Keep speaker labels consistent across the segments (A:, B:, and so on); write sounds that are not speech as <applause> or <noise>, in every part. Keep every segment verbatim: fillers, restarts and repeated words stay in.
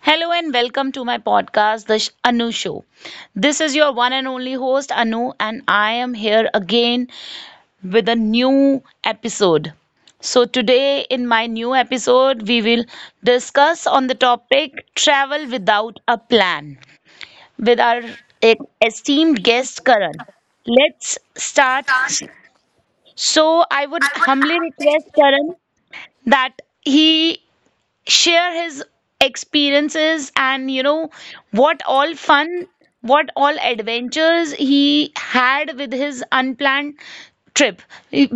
A: Hello and welcome to my podcast, The Sh- Anu Show. This is your one and only host, Anu, and I am here again with a new episode. So, today in my new episode, we will discuss on the topic travel without a plan with our e- esteemed guest, Karan. Let's start. So, I would humbly request Karan that he share his experiences and you know what all fun, what all adventures he had with his unplanned trip.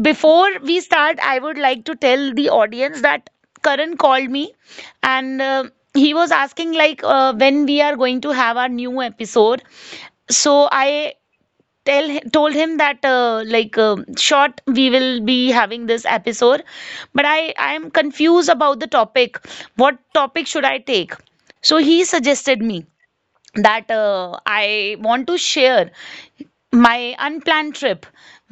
A: Before we start, I would like to tell the audience that Karan called me and uh, he was asking like uh, when we are going to have our new episode. So I tell hi- told him that uh, like uh, short we will be having this episode, but i i am confused about the topic, what topic should I take. So he suggested me that uh, I want to share my unplanned trip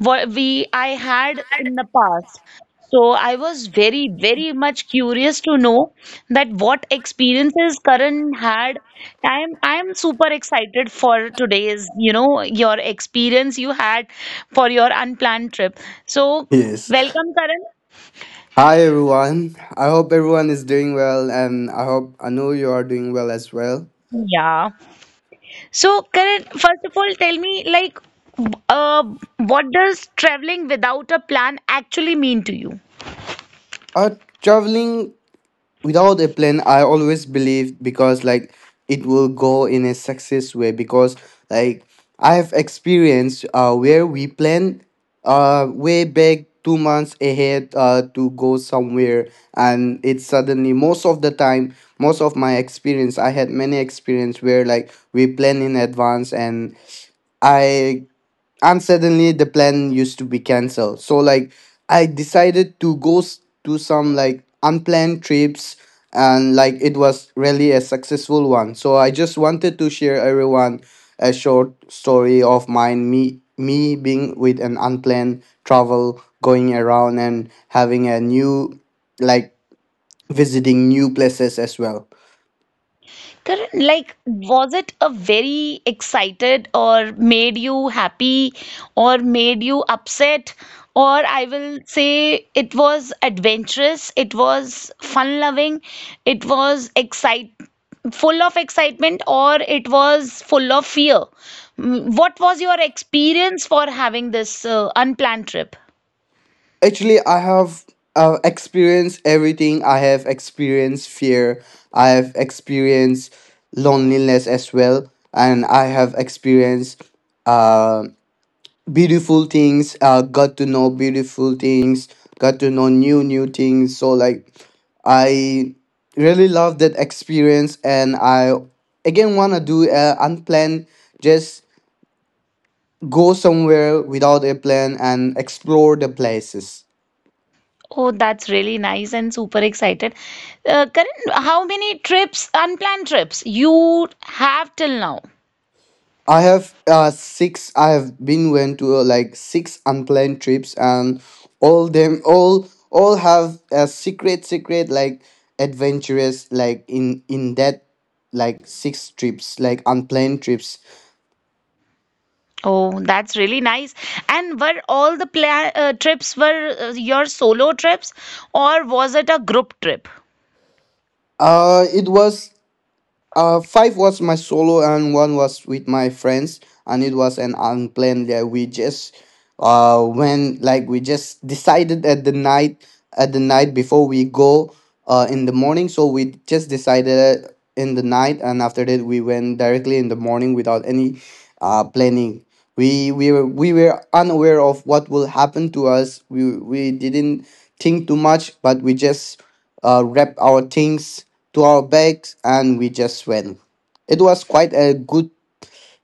A: what we I had in the past. So I was very, very much curious to know that what experiences Karan had. I'm I'm super excited for today's, you know, your experience you had for your unplanned trip. So
B: Yes.
A: welcome, Karan.
B: Hi everyone. I hope everyone is doing well, and I hope I know you are doing well as well.
A: Yeah. So Karan, first of all, tell me like uh, what does traveling without a plan actually mean to you?
B: Uh traveling without a plan, I always believe, because like it will go in a success way, because like I have experienced uh where we plan uh way back two months ahead uh to go somewhere, and it suddenly, most of the time, most of my experience, I had many experience where like we plan in advance and I and suddenly the plan used to be cancelled. So like I decided to go s- to some like unplanned trips, and like it was really a successful one. So I just wanted to share everyone a short story of mine, me me being with an unplanned travel, going around and having a new, like visiting new places as well.
A: Correct. Like, was it a very excited or made you happy or made you upset? Or I will say it was adventurous, it was fun loving, it was excite full of excitement, or it was full of fear. Mm, What was your experience for having this uh, unplanned trip?
B: Actually, I have uh, experienced everything. I have experienced fear. I have experienced loneliness as well, and I have experienced uh, beautiful things. Uh, got to know beautiful things. Got to know new new things. So like, I really love that experience, and I again wanna do uh, unplanned. Just go somewhere without a plan and explore the places.
A: Oh, that's really nice and super excited. Uh, Karan, how many trips, unplanned trips, you have till now?
B: I have uh six. I have been went to uh, like six unplanned trips, and all them all all have a secret secret like adventurous like in in that like six trips, like unplanned trips.
A: Oh, that's really nice. And were all the pla uh, trips were uh, your solo trips, or was it a group trip?
B: Uh, it was Uh, five was my solo and one was with my friends, and it was an unplanned. Yeah, we just uh when like we just decided at the night at the night before we go uh in the morning. So we just decided in the night, and after that we went directly in the morning without any uh planning. We we were we were unaware of what will happen to us. We we didn't think too much, but we just uh wrapped our things to our backs and we just ran. It was quite a good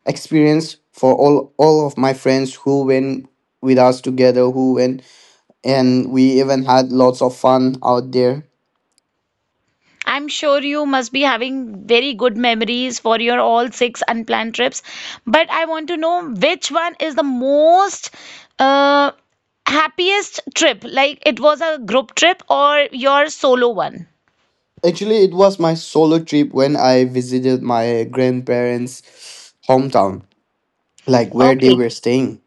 B: experience for all all of my friends who went with us together who went, and we even had lots of fun out there.
A: I'm sure you must be having very good memories for your all six unplanned trips, but I want to know which one is the most uh, happiest trip, like it was a group trip or your solo one.
B: Actually, it was my solo trip when I visited my grandparents' hometown, like where they
A: Okay.
B: were staying.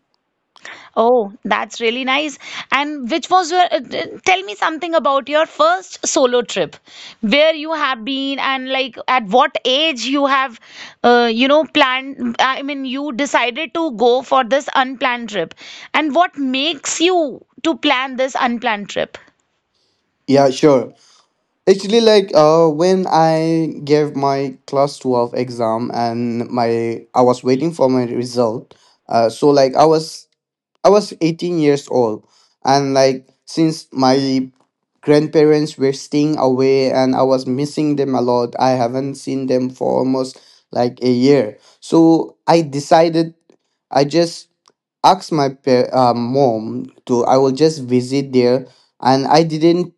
A: Oh, that's really nice. And which was your, uh, t- tell me something about your first solo trip, where you have been and like at what age you have, uh, you know, planned, I mean, you decided to go for this unplanned trip. And what makes you to plan this unplanned trip?
B: Yeah, sure. Actually, like uh, when I gave my class twelve exam and my I was waiting for my result. Uh, so like I was I was eighteen years old, and like since my grandparents were staying away and I was missing them a lot. I haven't seen them for almost like a year. So I decided I just asked my pa- uh, mom to I will just visit there, and I didn't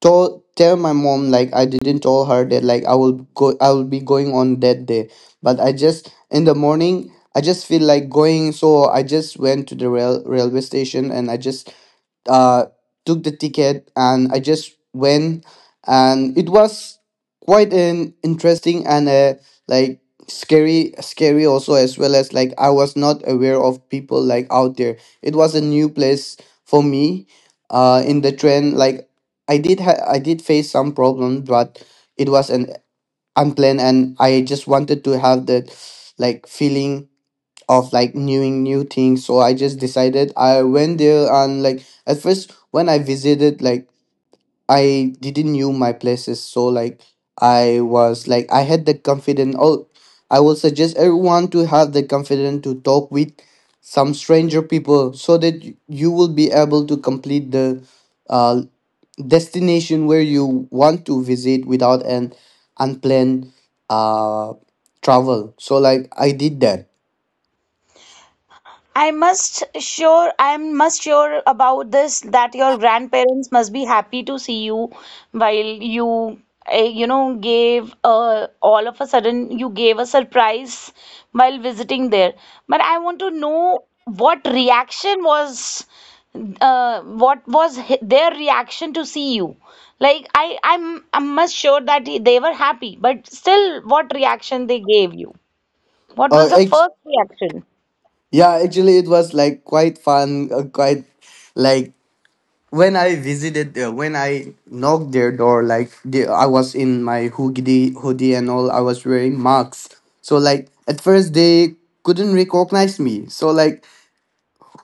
B: told tell my mom, like I didn't tell her that like I will go, I will be going on that day. But I just in the morning I just feel like going, so I just went to the rail railway station and I just uh took the ticket and I just went, and it was quite an interesting and uh like scary scary also as well, as like I was not aware of people like out there. It was a new place for me uh in the train. Like I did ha- I did face some problem, but it was an unplanned, and I just wanted to have that like feeling of like knowing new things. So I just decided I went there, and like at first when I visited, like I didn't knew my places, so like I was like I had the confidence. Oh, I will suggest everyone to have the confidence to talk with some stranger people, so that y- you will be able to complete the uh, destination where you want to visit without an unplanned uh travel. So like I did that.
A: I must sure I'm must sure about this that your grandparents must be happy to see you while you uh, you know gave uh, all of a sudden you gave a surprise while visiting there. But I want to know what reaction was uh, what was hi- their reaction to see you? Like I I'm I'm must sure that they were happy, but still what reaction they gave you? What
B: Uh,
A: was the
B: act-
A: first reaction?
B: yeah, actually it was like quite fun, uh, quite like when I visited, uh, when I knocked their door, like the, I was in my hoodie, hoodie and all, I was wearing masks. So like at first they couldn't recognize me. So like,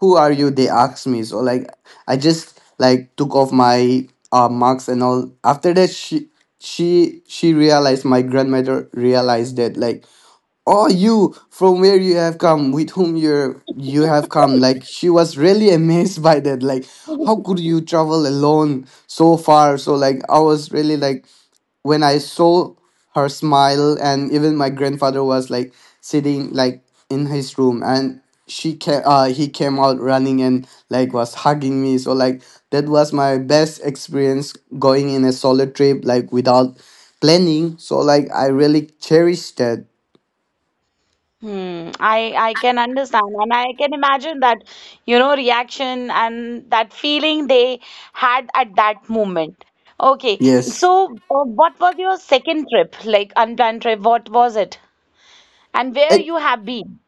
B: who are you? They asked me. So like, I just like took off my uh marks and all. After that, she she she realized, my grandmother realized that like, oh, you, from where you have come, with whom you are you have come. Like she was really <laughs> amazed by that. Like, how could you travel alone so far? So like I was really like when I saw her smile, and even my grandfather was like sitting like in his room, and she came. Uh, he came out running and like was hugging me. So like that was my best experience going in a solo trip like without planning. So like I really cherished that.
A: Hmm, I I can understand and I can imagine that you know reaction and that feeling they had at that moment. Okay,
B: Yes.
A: so uh, what was your second trip, like unplanned trip? What was it, and where
B: It,
A: you have been?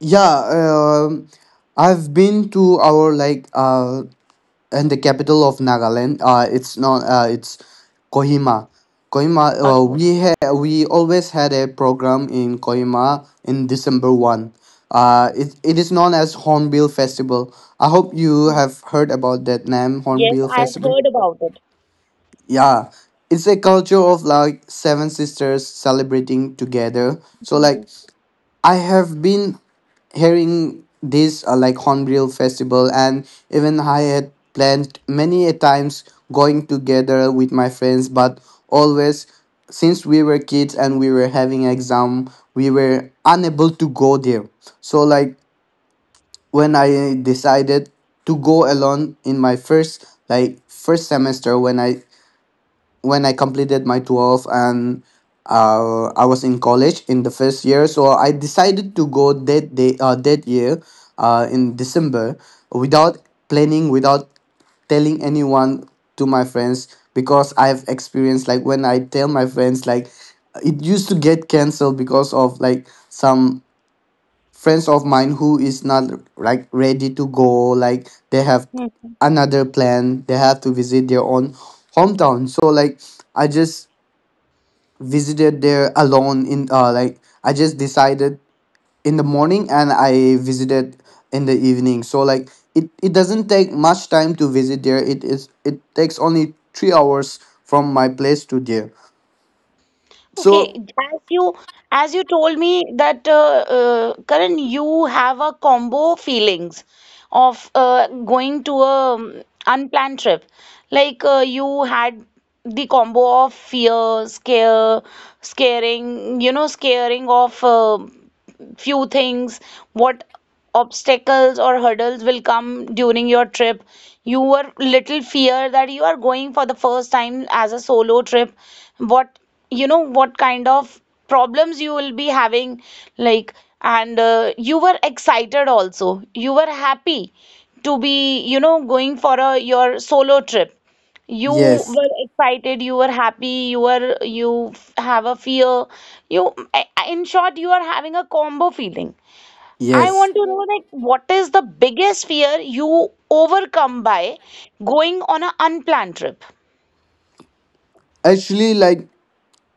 B: yeah, um, I've been to our like uh and the capital of Nagaland. Uh, it's not uh, it's Kohima. Kohima. Uh,
A: Okay,
B: we ha- we always had a program in Kohima in December one. Uh, it, it is known as Hornbill Festival. I hope you have heard about that name,
A: yes,
B: Hornbill
A: I've
B: Festival.
A: heard about
B: Yeah, it's a culture of like seven sisters celebrating together. So like I have been hearing this uh, like Hornbill Festival, and even I had planned many a times going together with my friends, but always since we were kids and we were having exam, we were unable to go there. So like when I decided to go alone in my first like first semester, when I when I completed my twelve and uh, I was in college in the first year. So I decided to go that day, uh, that year uh, in December without planning, without telling anyone to my friends, because I've experienced like when I tell my friends like it used to get cancelled because of like some friends of mine who is not like ready to go, like they have
A: it.
B: another plan, they have to visit their own hometown. So like I just visited there alone in uh like I just decided in the morning and I visited in the evening. So like it, it doesn't take much time to visit there. It is, it takes only three hours from my place to there.
A: Okay,
B: So
A: as you as you told me that uh, uh, Karan, you have a combo feelings of uh, going to a um, unplanned trip. Like uh, you had the combo of fear, scare, scaring, you know, scaring of uh, few things, what obstacles or hurdles will come during your trip. You were little fear that you are going for the first time as a solo trip. What you know, what kind of problems you will be having, like, and uh, you were excited also. You were happy to be, you know, going for a your solo trip. You
B: yes,
A: were excited, you were happy, you were you f- have a fear. You, I- I- in short, you are having a combo feeling. I
B: yes,
A: want to know that what is the biggest fear you overcome by going on an unplanned trip?
B: actually like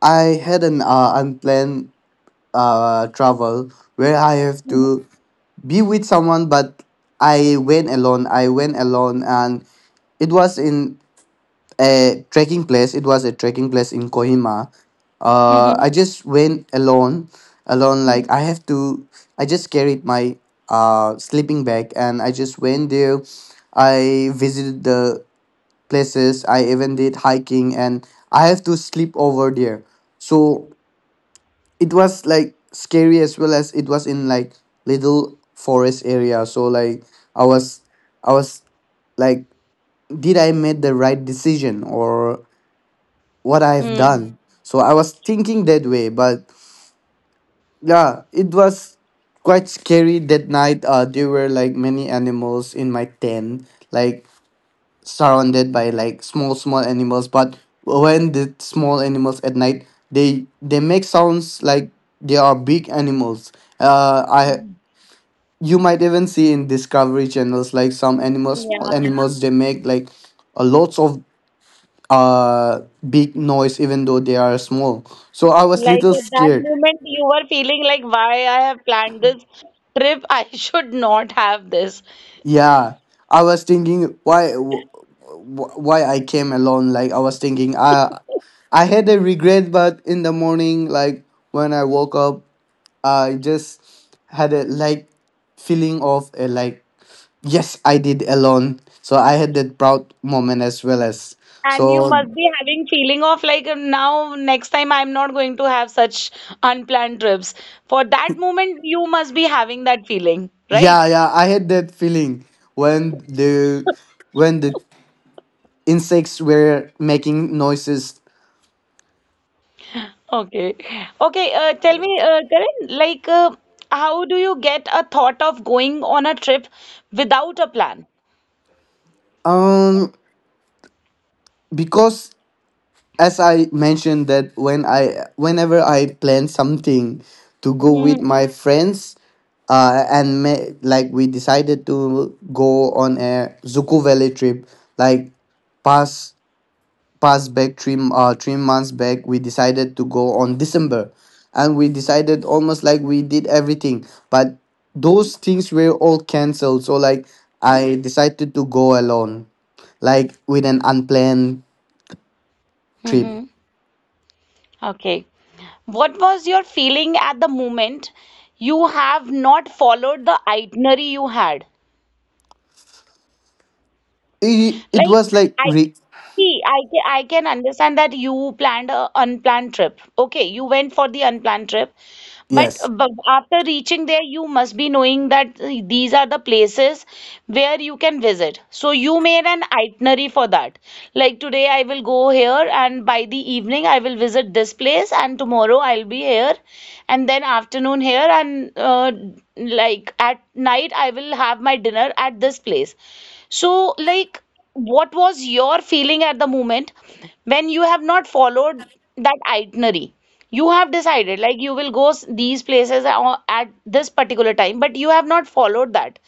B: I had an uh, unplanned uh, travel where I have to be with someone, but I went alone. I went alone, and it was in a trekking place. It was a trekking place in Kohima. Uh,
A: Mhm.
B: I just went alone, alone. Like I
A: Mhm.
B: have to. I just carried my uh sleeping bag, and I just went there. I visited the places. I even did hiking, and I have to sleep over there. So it was like scary, as well as it was in like little forest area. So like i was i was like, did I made the right decision or what I have
A: Hmm.
B: done? So I was thinking that way, but yeah, it was quite scary that night. Uh there were like many animals in my tent, like surrounded by like small small animals, but when the small animals at night, they they make sounds like they are big animals. Uh i you might even see in Discovery channels like some animals, small
A: Yeah.
B: animals, they make like a lots of uh big noise even though they are small. So I was
A: Like
B: little
A: at that
B: scared.
A: moment, you were feeling like, why I have planned this trip? I <laughs> should not have this.
B: Yeah, I was thinking why wh- wh- why I came alone. Like I was thinking, I I had a regret, but in the morning, like when I woke up, I just had a like feeling of a like, yes, I did alone. So I had that proud moment as well. As
A: And you
B: so
A: must be having feeling of like uh, now next time I'm not going to have such unplanned trips. For that moment, you must be having that feeling,
B: yeah,
A: right?
B: yeah. I had that feeling when the when the insects were making noises.
A: Okay. Okay, uh, tell me, uh, Karan, like uh, how do you get a thought of going on a trip without a plan?
B: Um, because as I mentioned that when I whenever I plan something to go with
A: Mm-hmm.
B: my friends, uh, and ma- like we decided to go on a Zuko Valley trip, like past past back three m- uh three months back, we decided to go on December, and we decided almost like we did everything, but those things were all cancelled. So like I decided to go alone, like with an unplanned trip.
A: Mm-hmm. Okay. What was your feeling at the moment you have not followed the itinerary you had?
B: it, it
A: Like,
B: was like
A: I
B: re-
A: see, I, ca- I can understand that you planned a unplanned trip. Okay, you went for the unplanned trip, but,
B: yes,
A: but after reaching there, you must be knowing that uh, these are the places where you can visit. So you made an itinerary for that. Like today, I will go here, and by the evening, I will visit this place, and tomorrow, I'll be here, and then afternoon here, and uh, like at night, I will have my dinner at this place. So, like, what was your feeling at the moment when you have not followed that itinerary? You have decided like you will go s- these places a- at this particular time, but you have not followed that.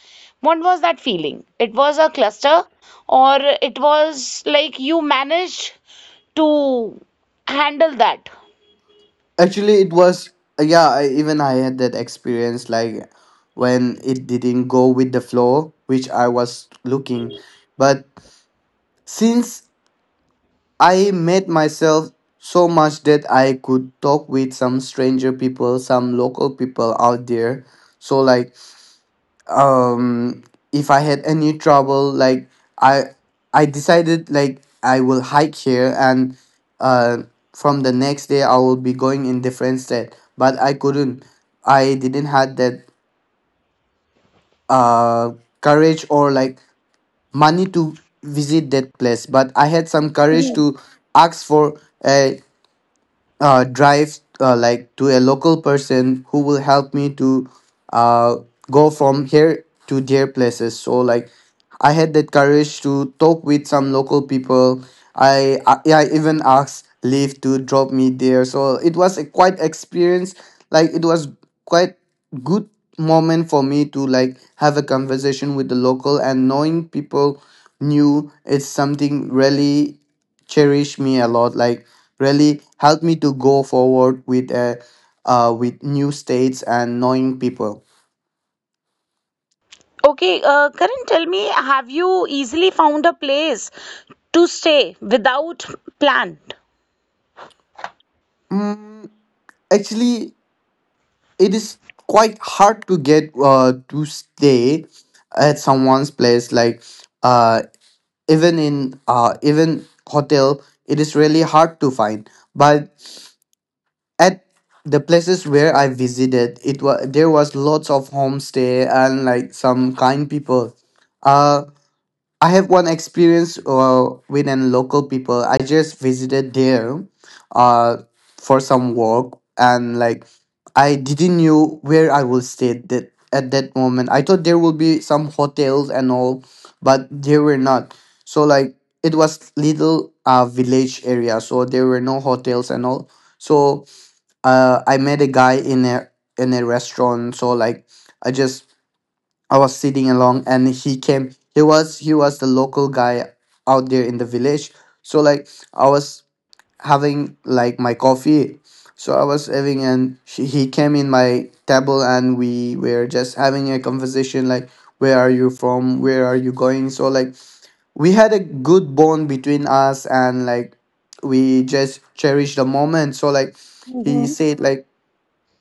A: What was that feeling? It was a cluster or it was like you managed to handle that.
B: actually it was, yeah. I, even I had that experience like when it didn't go with the flow which I was looking, but since I made myself so much that I could talk with some stranger people, some local people out there. So like, um if I had any trouble, like i i decided like I will hike here and uh from the next day I will be going in different state, but I couldn't. I didn't had that uh courage or like money to visit that place, but I had some courage to ask for a uh, drive, uh, like to a local person who will help me to uh, go from here to their places. So like, I had that courage to talk with some local people. I i, yeah, I even asked leave to drop me there. So it was a quite experience. Like, it was quite good moment for me to like have a conversation with the local and knowing people new. It's something really cherish me a lot, like really helped me to go forward with uh, uh with new states and knowing people.
A: Okay, uh, Karan, tell me, have you easily found a place to stay without plan?
B: Mm, actually it is quite hard to get uh to stay at someone's place, like uh even in uh even hotel it is really hard to find. But at the places where I visited, it was, there was lots of homestay and like some kind people. uh I have one experience uh, with an local people. I just visited there uh, for some work, and like I didn't knew where I will stay that at that moment. I thought there will be some hotels and all, but there were not. So like it was little uh, village area, so there were no hotels and all. So uh, I met a guy in a in a restaurant. So like, I just I was sitting along and he came he was, he was the local guy out there in the village. So like, I was having like my coffee, so I was having, and she, he came in my table and we were just having a conversation like, where are you from, where are you going. So like we had a good bond between us and like we just cherished the moment. So like he said, like,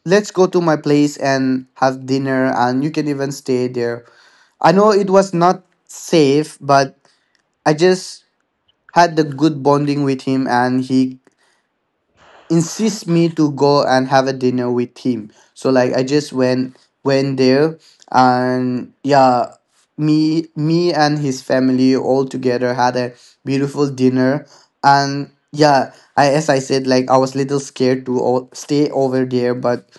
B: let's go to my place and have dinner, and you can even stay there. I know it was not safe, but I just had the good bonding with him, and he insists me to go and have a dinner with him. So like I just went went there. And yeah, me me and his family all together had a beautiful dinner. And yeah, I, as I said, like I was little scared to o- stay over there, but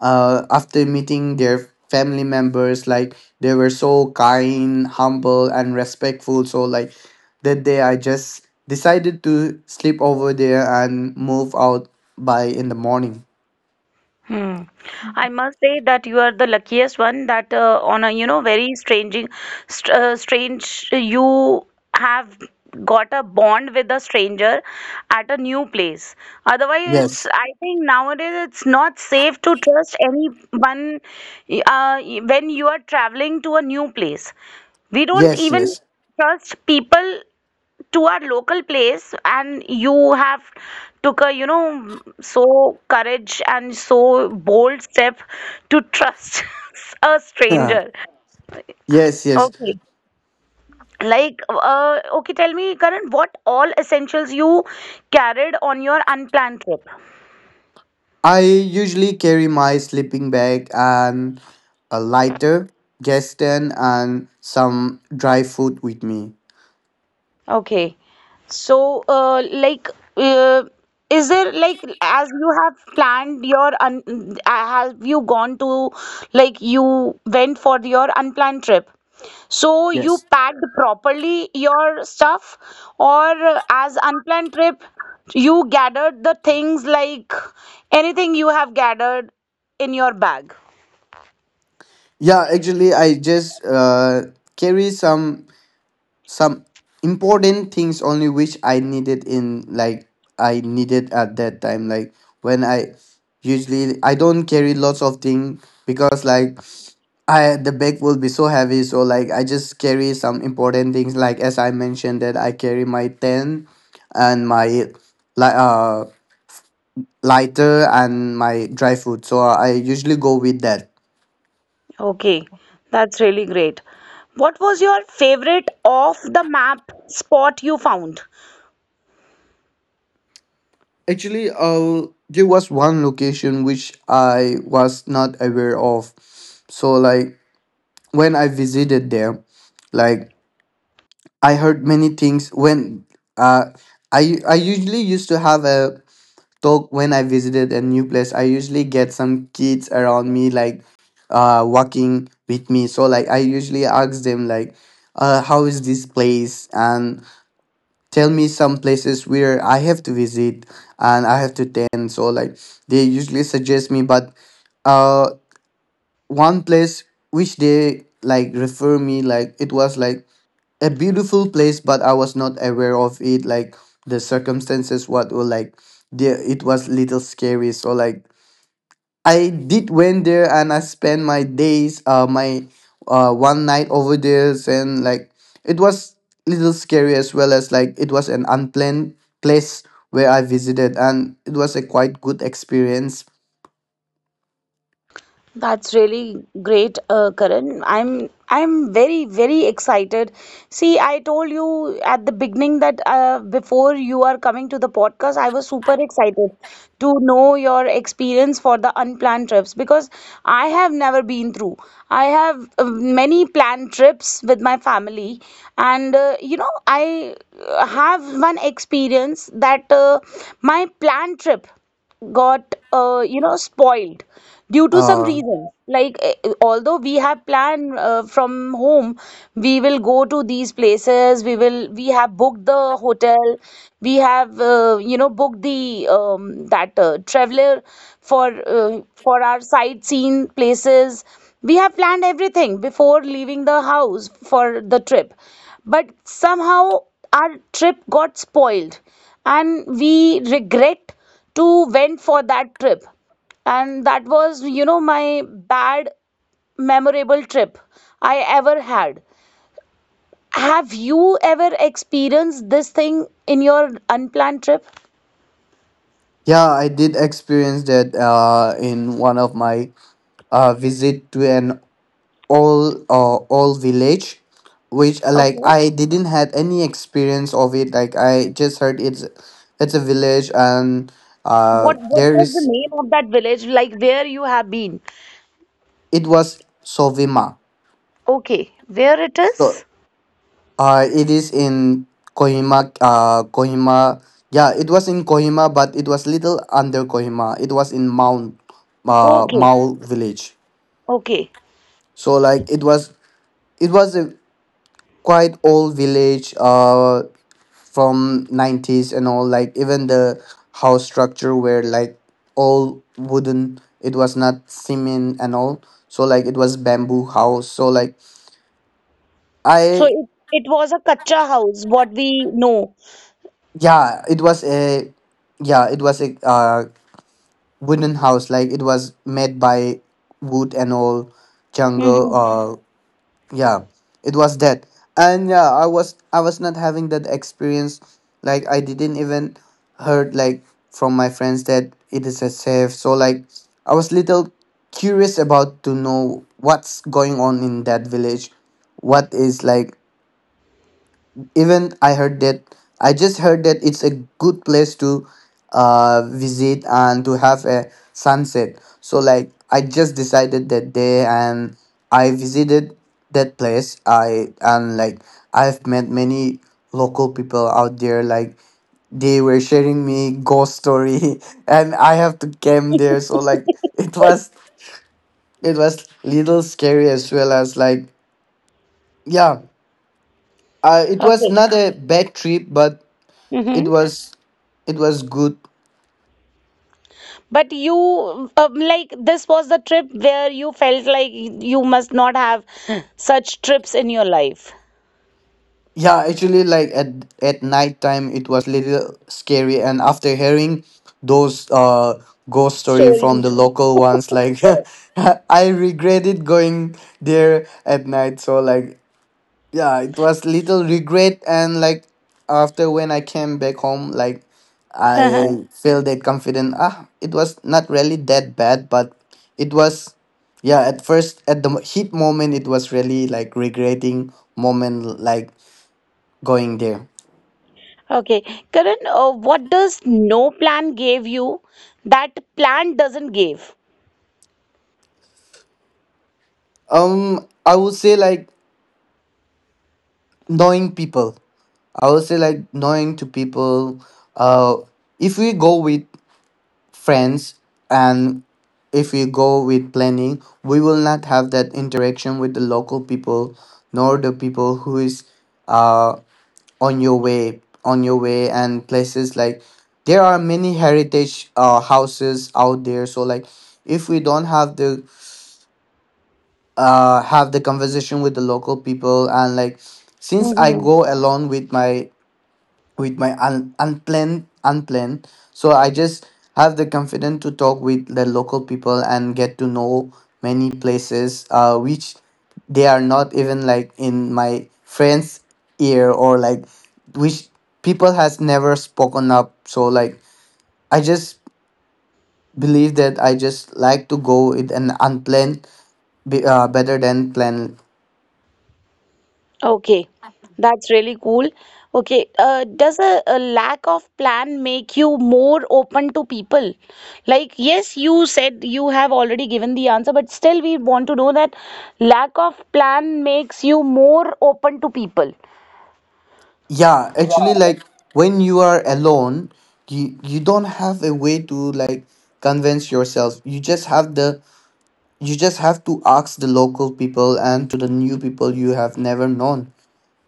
B: uh after meeting their family members, like they were so kind, humble and respectful. So like that day I just decided to sleep over there and move out by in the morning.
A: Hmm. I must say that you are the luckiest one that uh, on a you know very strange, st uh, strange you have got a bond with a stranger at a new place. Otherwise, it's
B: Yes,
A: I think nowadays it's not safe to trust anyone y- uh, when you are traveling to a new place. We don't
B: yes,
A: even
B: yes,
A: trust people to our local place and you have took a you know so courage and so bold step to trust <laughs> a stranger.
B: <laughs> yes, yes.
A: Okay, like uh, okay, tell me Karan, what all essentials you carried on your unplanned trip?
B: I usually carry my sleeping bag and a lighter, gas stand, and some dry food with me.
A: Okay. So, uh, like, uh, is there like as you have planned your un uh, have you gone to like you went for your unplanned trip? So you
B: Yes.
A: packed properly your stuff, or uh, as unplanned trip, you gathered the things like anything you have gathered in your bag.
B: Yeah, actually, I just uh, carry some some important things only which I needed in, like I needed at that time, like when I usually, I don't carry lots of things because like I, the bag will be so heavy. So like I just carry some important things, like as I mentioned, that I carry my tent and my li- uh lighter and my dry food. So I usually go with that.
A: Okay, that's really great. What was your favorite off the map spot you found?
B: Actually, uh, there was one location which I was not aware of. So like when I visited there, like I heard many things. When uh, I I usually used to have a talk when I visited a new place, I usually get some kids around me, like uh, walking with me. So like I usually ask them, like, uh, how is this place and tell me some places where I have to visit and I have to attend. So like they usually suggest me. But uh, one place which they like refer me, like it was like a beautiful place, but I was not aware of it, like the circumstances, what were like, there it was little scary. So like I did went there, and I spent my days, uh, my uh, one night over there, and like it was little scary as well as like it was an unplanned place where I visited, and it was a quite good experience.
A: That's really great, uh, Karan. I'm I'm very, very excited. See, I told you at the beginning that uh, before you are coming to the podcast, I was super excited to know your experience for the unplanned trips because I have never been through. I have uh, many planned trips with my family, and uh, you know, I uh, have one experience that uh, my planned trip got uh, you know spoiled due to some
B: Uh,
A: reason like eh, eh, although we have planned uh, from home we will go to these places, we will we have booked the hotel, we have uh, you know booked the um, that uh, traveler for uh, for our sightseeing places, we have planned everything before leaving the house for the trip, but somehow our trip got spoiled and we regret to went for that trip. And that was you know my bad memorable trip I ever had. Have you ever experienced this thing in your unplanned trip?
B: yeah, I did experience that uh, in one of my uh, visit to an all uh, all village, which uh, like
A: Okay,
B: I didn't had any experience of it, like I just heard it's it's a village. And uh
A: what what
B: there
A: was the
B: is,
A: name of that village like where you have been?
B: it was Sovima.
A: Okay, where it
B: So
A: is?
B: uh it is in Kohima. uh Kohima, yeah, it was in Kohima, but it was little under Kohima. It was in Mount uh
A: Okay.
B: Mao village.
A: Okay,
B: So like it was, it was a quite old village uh from nineties and all, like even the house structure were like all wooden. It was not cement and all. So like it was bamboo house. So like
A: so
B: I,
A: it, it was a kacha house, what we know.
B: yeah, it was a, yeah, it was a uh, wooden house, like it was made by wood and all jungle.
A: Mm-hmm.
B: Uh yeah, it was that. And yeah, i was I was not having that experience. Like, I didn't even heard like from my friends that it is a safe. So like I was little curious about to know what's going on in that village, what is like. Even I heard that, I just heard that it's a good place to uh visit and to have a sunset. So like I just decided that day and I visited that place. I and like I've met many local people out there, like they were sharing me ghost story <laughs> and I have to came there. So like it was, it was little scary as well as like yeah, uh, it was
A: Okay.
B: not a bad trip, but
A: Mm-hmm.
B: it was, it was good.
A: But you, um, like, this was the trip where you felt like you must not have such trips in your life.
B: Yeah, actually, like at at night time it was little scary, and after hearing those uh ghost story from the
A: Stories.
B: local
A: <laughs>
B: ones, like <laughs> I regretted going there at night. So like yeah, it was little regret. And like after, when I came back home, like I feel that confident, ah, it was not really that bad. But it was, yeah, at first, at the heat moment, it was really like regretting moment, like going there.
A: Okay. Karan, uh, what does no plan gave you that plan doesn't give?
B: um I would say like knowing people. I would say like knowing to people. uh if we go with friends and if we go with planning, we will not have that interaction with the local people, nor the people who is uh on your way, on your way, and places. Like there are many heritage uh houses out there. So like if we don't have the uh have the conversation with the local people, and like since I go alone with my, with my un- unplanned, unplanned so I just have the confidence to talk with the local people and get to know many places, uh, which they are not even like in my friends ear or like which people has never spoken up. So like I just believe that I just like to go with an unplanned, be, uh, better than planned.
A: Okay, that's really cool. Okay, uh, does a, a lack of plan make you more open to people? Like, yes, you said you have already given the answer, but still, we want to know that lack of plan makes you more open to people.
B: Yeah, actually, like when you are alone, you you don't have a way to like convince yourself. You just have the, you just have to ask the local people and to the new people you have never known.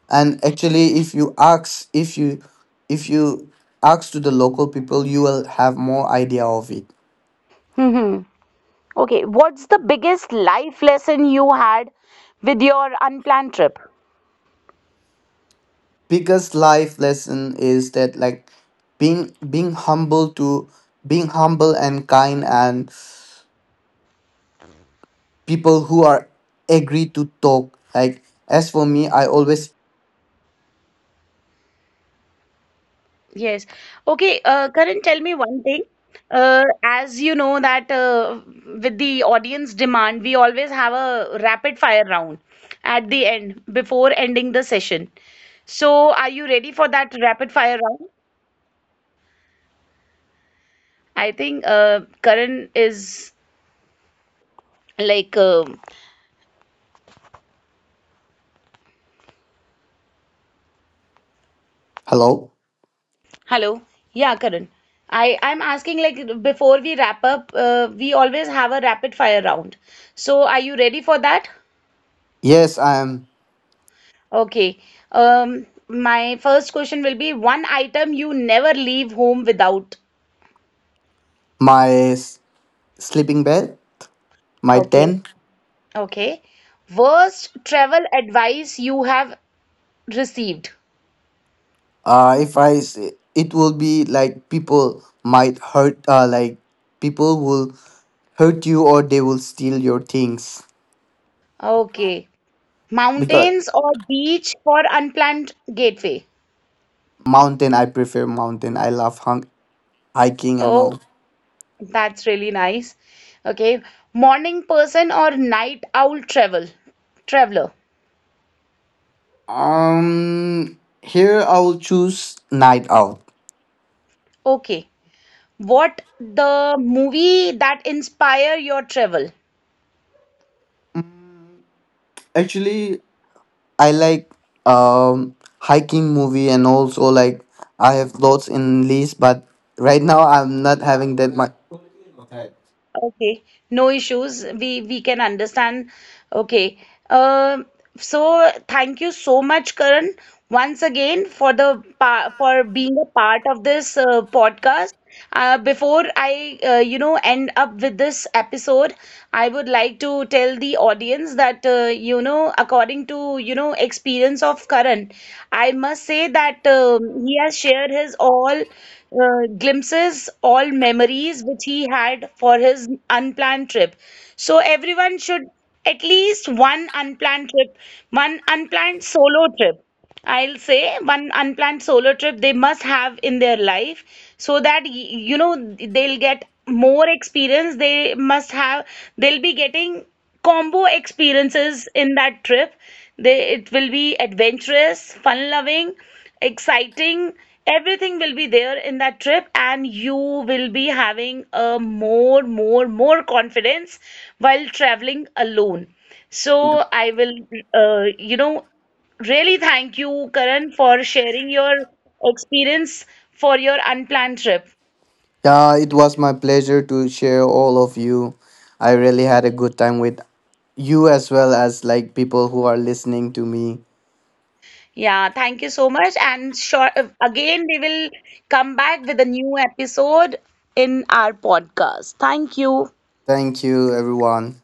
B: And actually, if you ask, if you if you ask to the local people, you will have more idea of it.
A: Mm-hmm. Okay, what's the biggest life lesson you had with your unplanned trip?
B: Biggest life lesson is that, like, being being humble to, being humble and kind, and people who are agree to talk. Like as for me, I always.
A: Yes. Okay, uh, Karan, tell me one thing. Uh, as you know that uh, with the audience demand, we always have a rapid fire round at the end before ending the session. So, are you ready for that rapid fire round? I think uh, Karan is like, um
B: Hello.
A: hello. Yeah, Karan. I I'm asking like before we wrap up, uh, we always have a rapid fire round. So, are you ready for that?
B: Yes, I am
A: Okay. Um, my first question will be one item you never leave home without.
B: my s- sleeping bed, my
A: Okay.
B: tent.
A: Okay. Worst travel advice you have received.
B: Uh, if I s- it will be like people might hurt. Uh, like people will hurt you or they will steal your things.
A: Okay.
B: Because
A: Mountains or beach for unplanned gateway.
B: mountain, I prefer mountain. I love hung- hiking and
A: Oh,
B: all.
A: that's really nice. Okay. Morning person or night owl travel traveler.
B: Um, here I will choose night out.
A: Okay. What the movie that inspire your travel?
B: Mm, actually, I like um hiking movie, and also like I have thoughts in list, but right now I'm not having that much.
A: Okay, no issues. We we can understand. Okay. Um so thank you so much, Karan, once again for the pa for being a part of this uh, podcast. Uh, before I uh, you know end up with this episode, I would like to tell the audience that uh, you know according to you know experience of Karan, I must say that um, he has shared his all uh, glimpses, all memories which he had for his unplanned trip. So everyone should at least one unplanned trip, one unplanned solo trip. I'll say one unplanned solo trip they must have in their life so that y- you know they'll get more experience, they must have, they'll be getting combo experiences in that trip, they it will be adventurous, fun loving, exciting, everything will be there in that trip, and you will be having a more, more, more confidence while traveling alone. So I will, uh, you know, Really, thank you, Karan, for sharing your experience for your unplanned trip.
B: Yeah, it was my pleasure to share all of you. I really had a good time with you, as well as like people who are listening to me.
A: Yeah, thank you so much. And sure, again, we will come back with a new episode in our podcast. Thank you.
B: Thank you, everyone.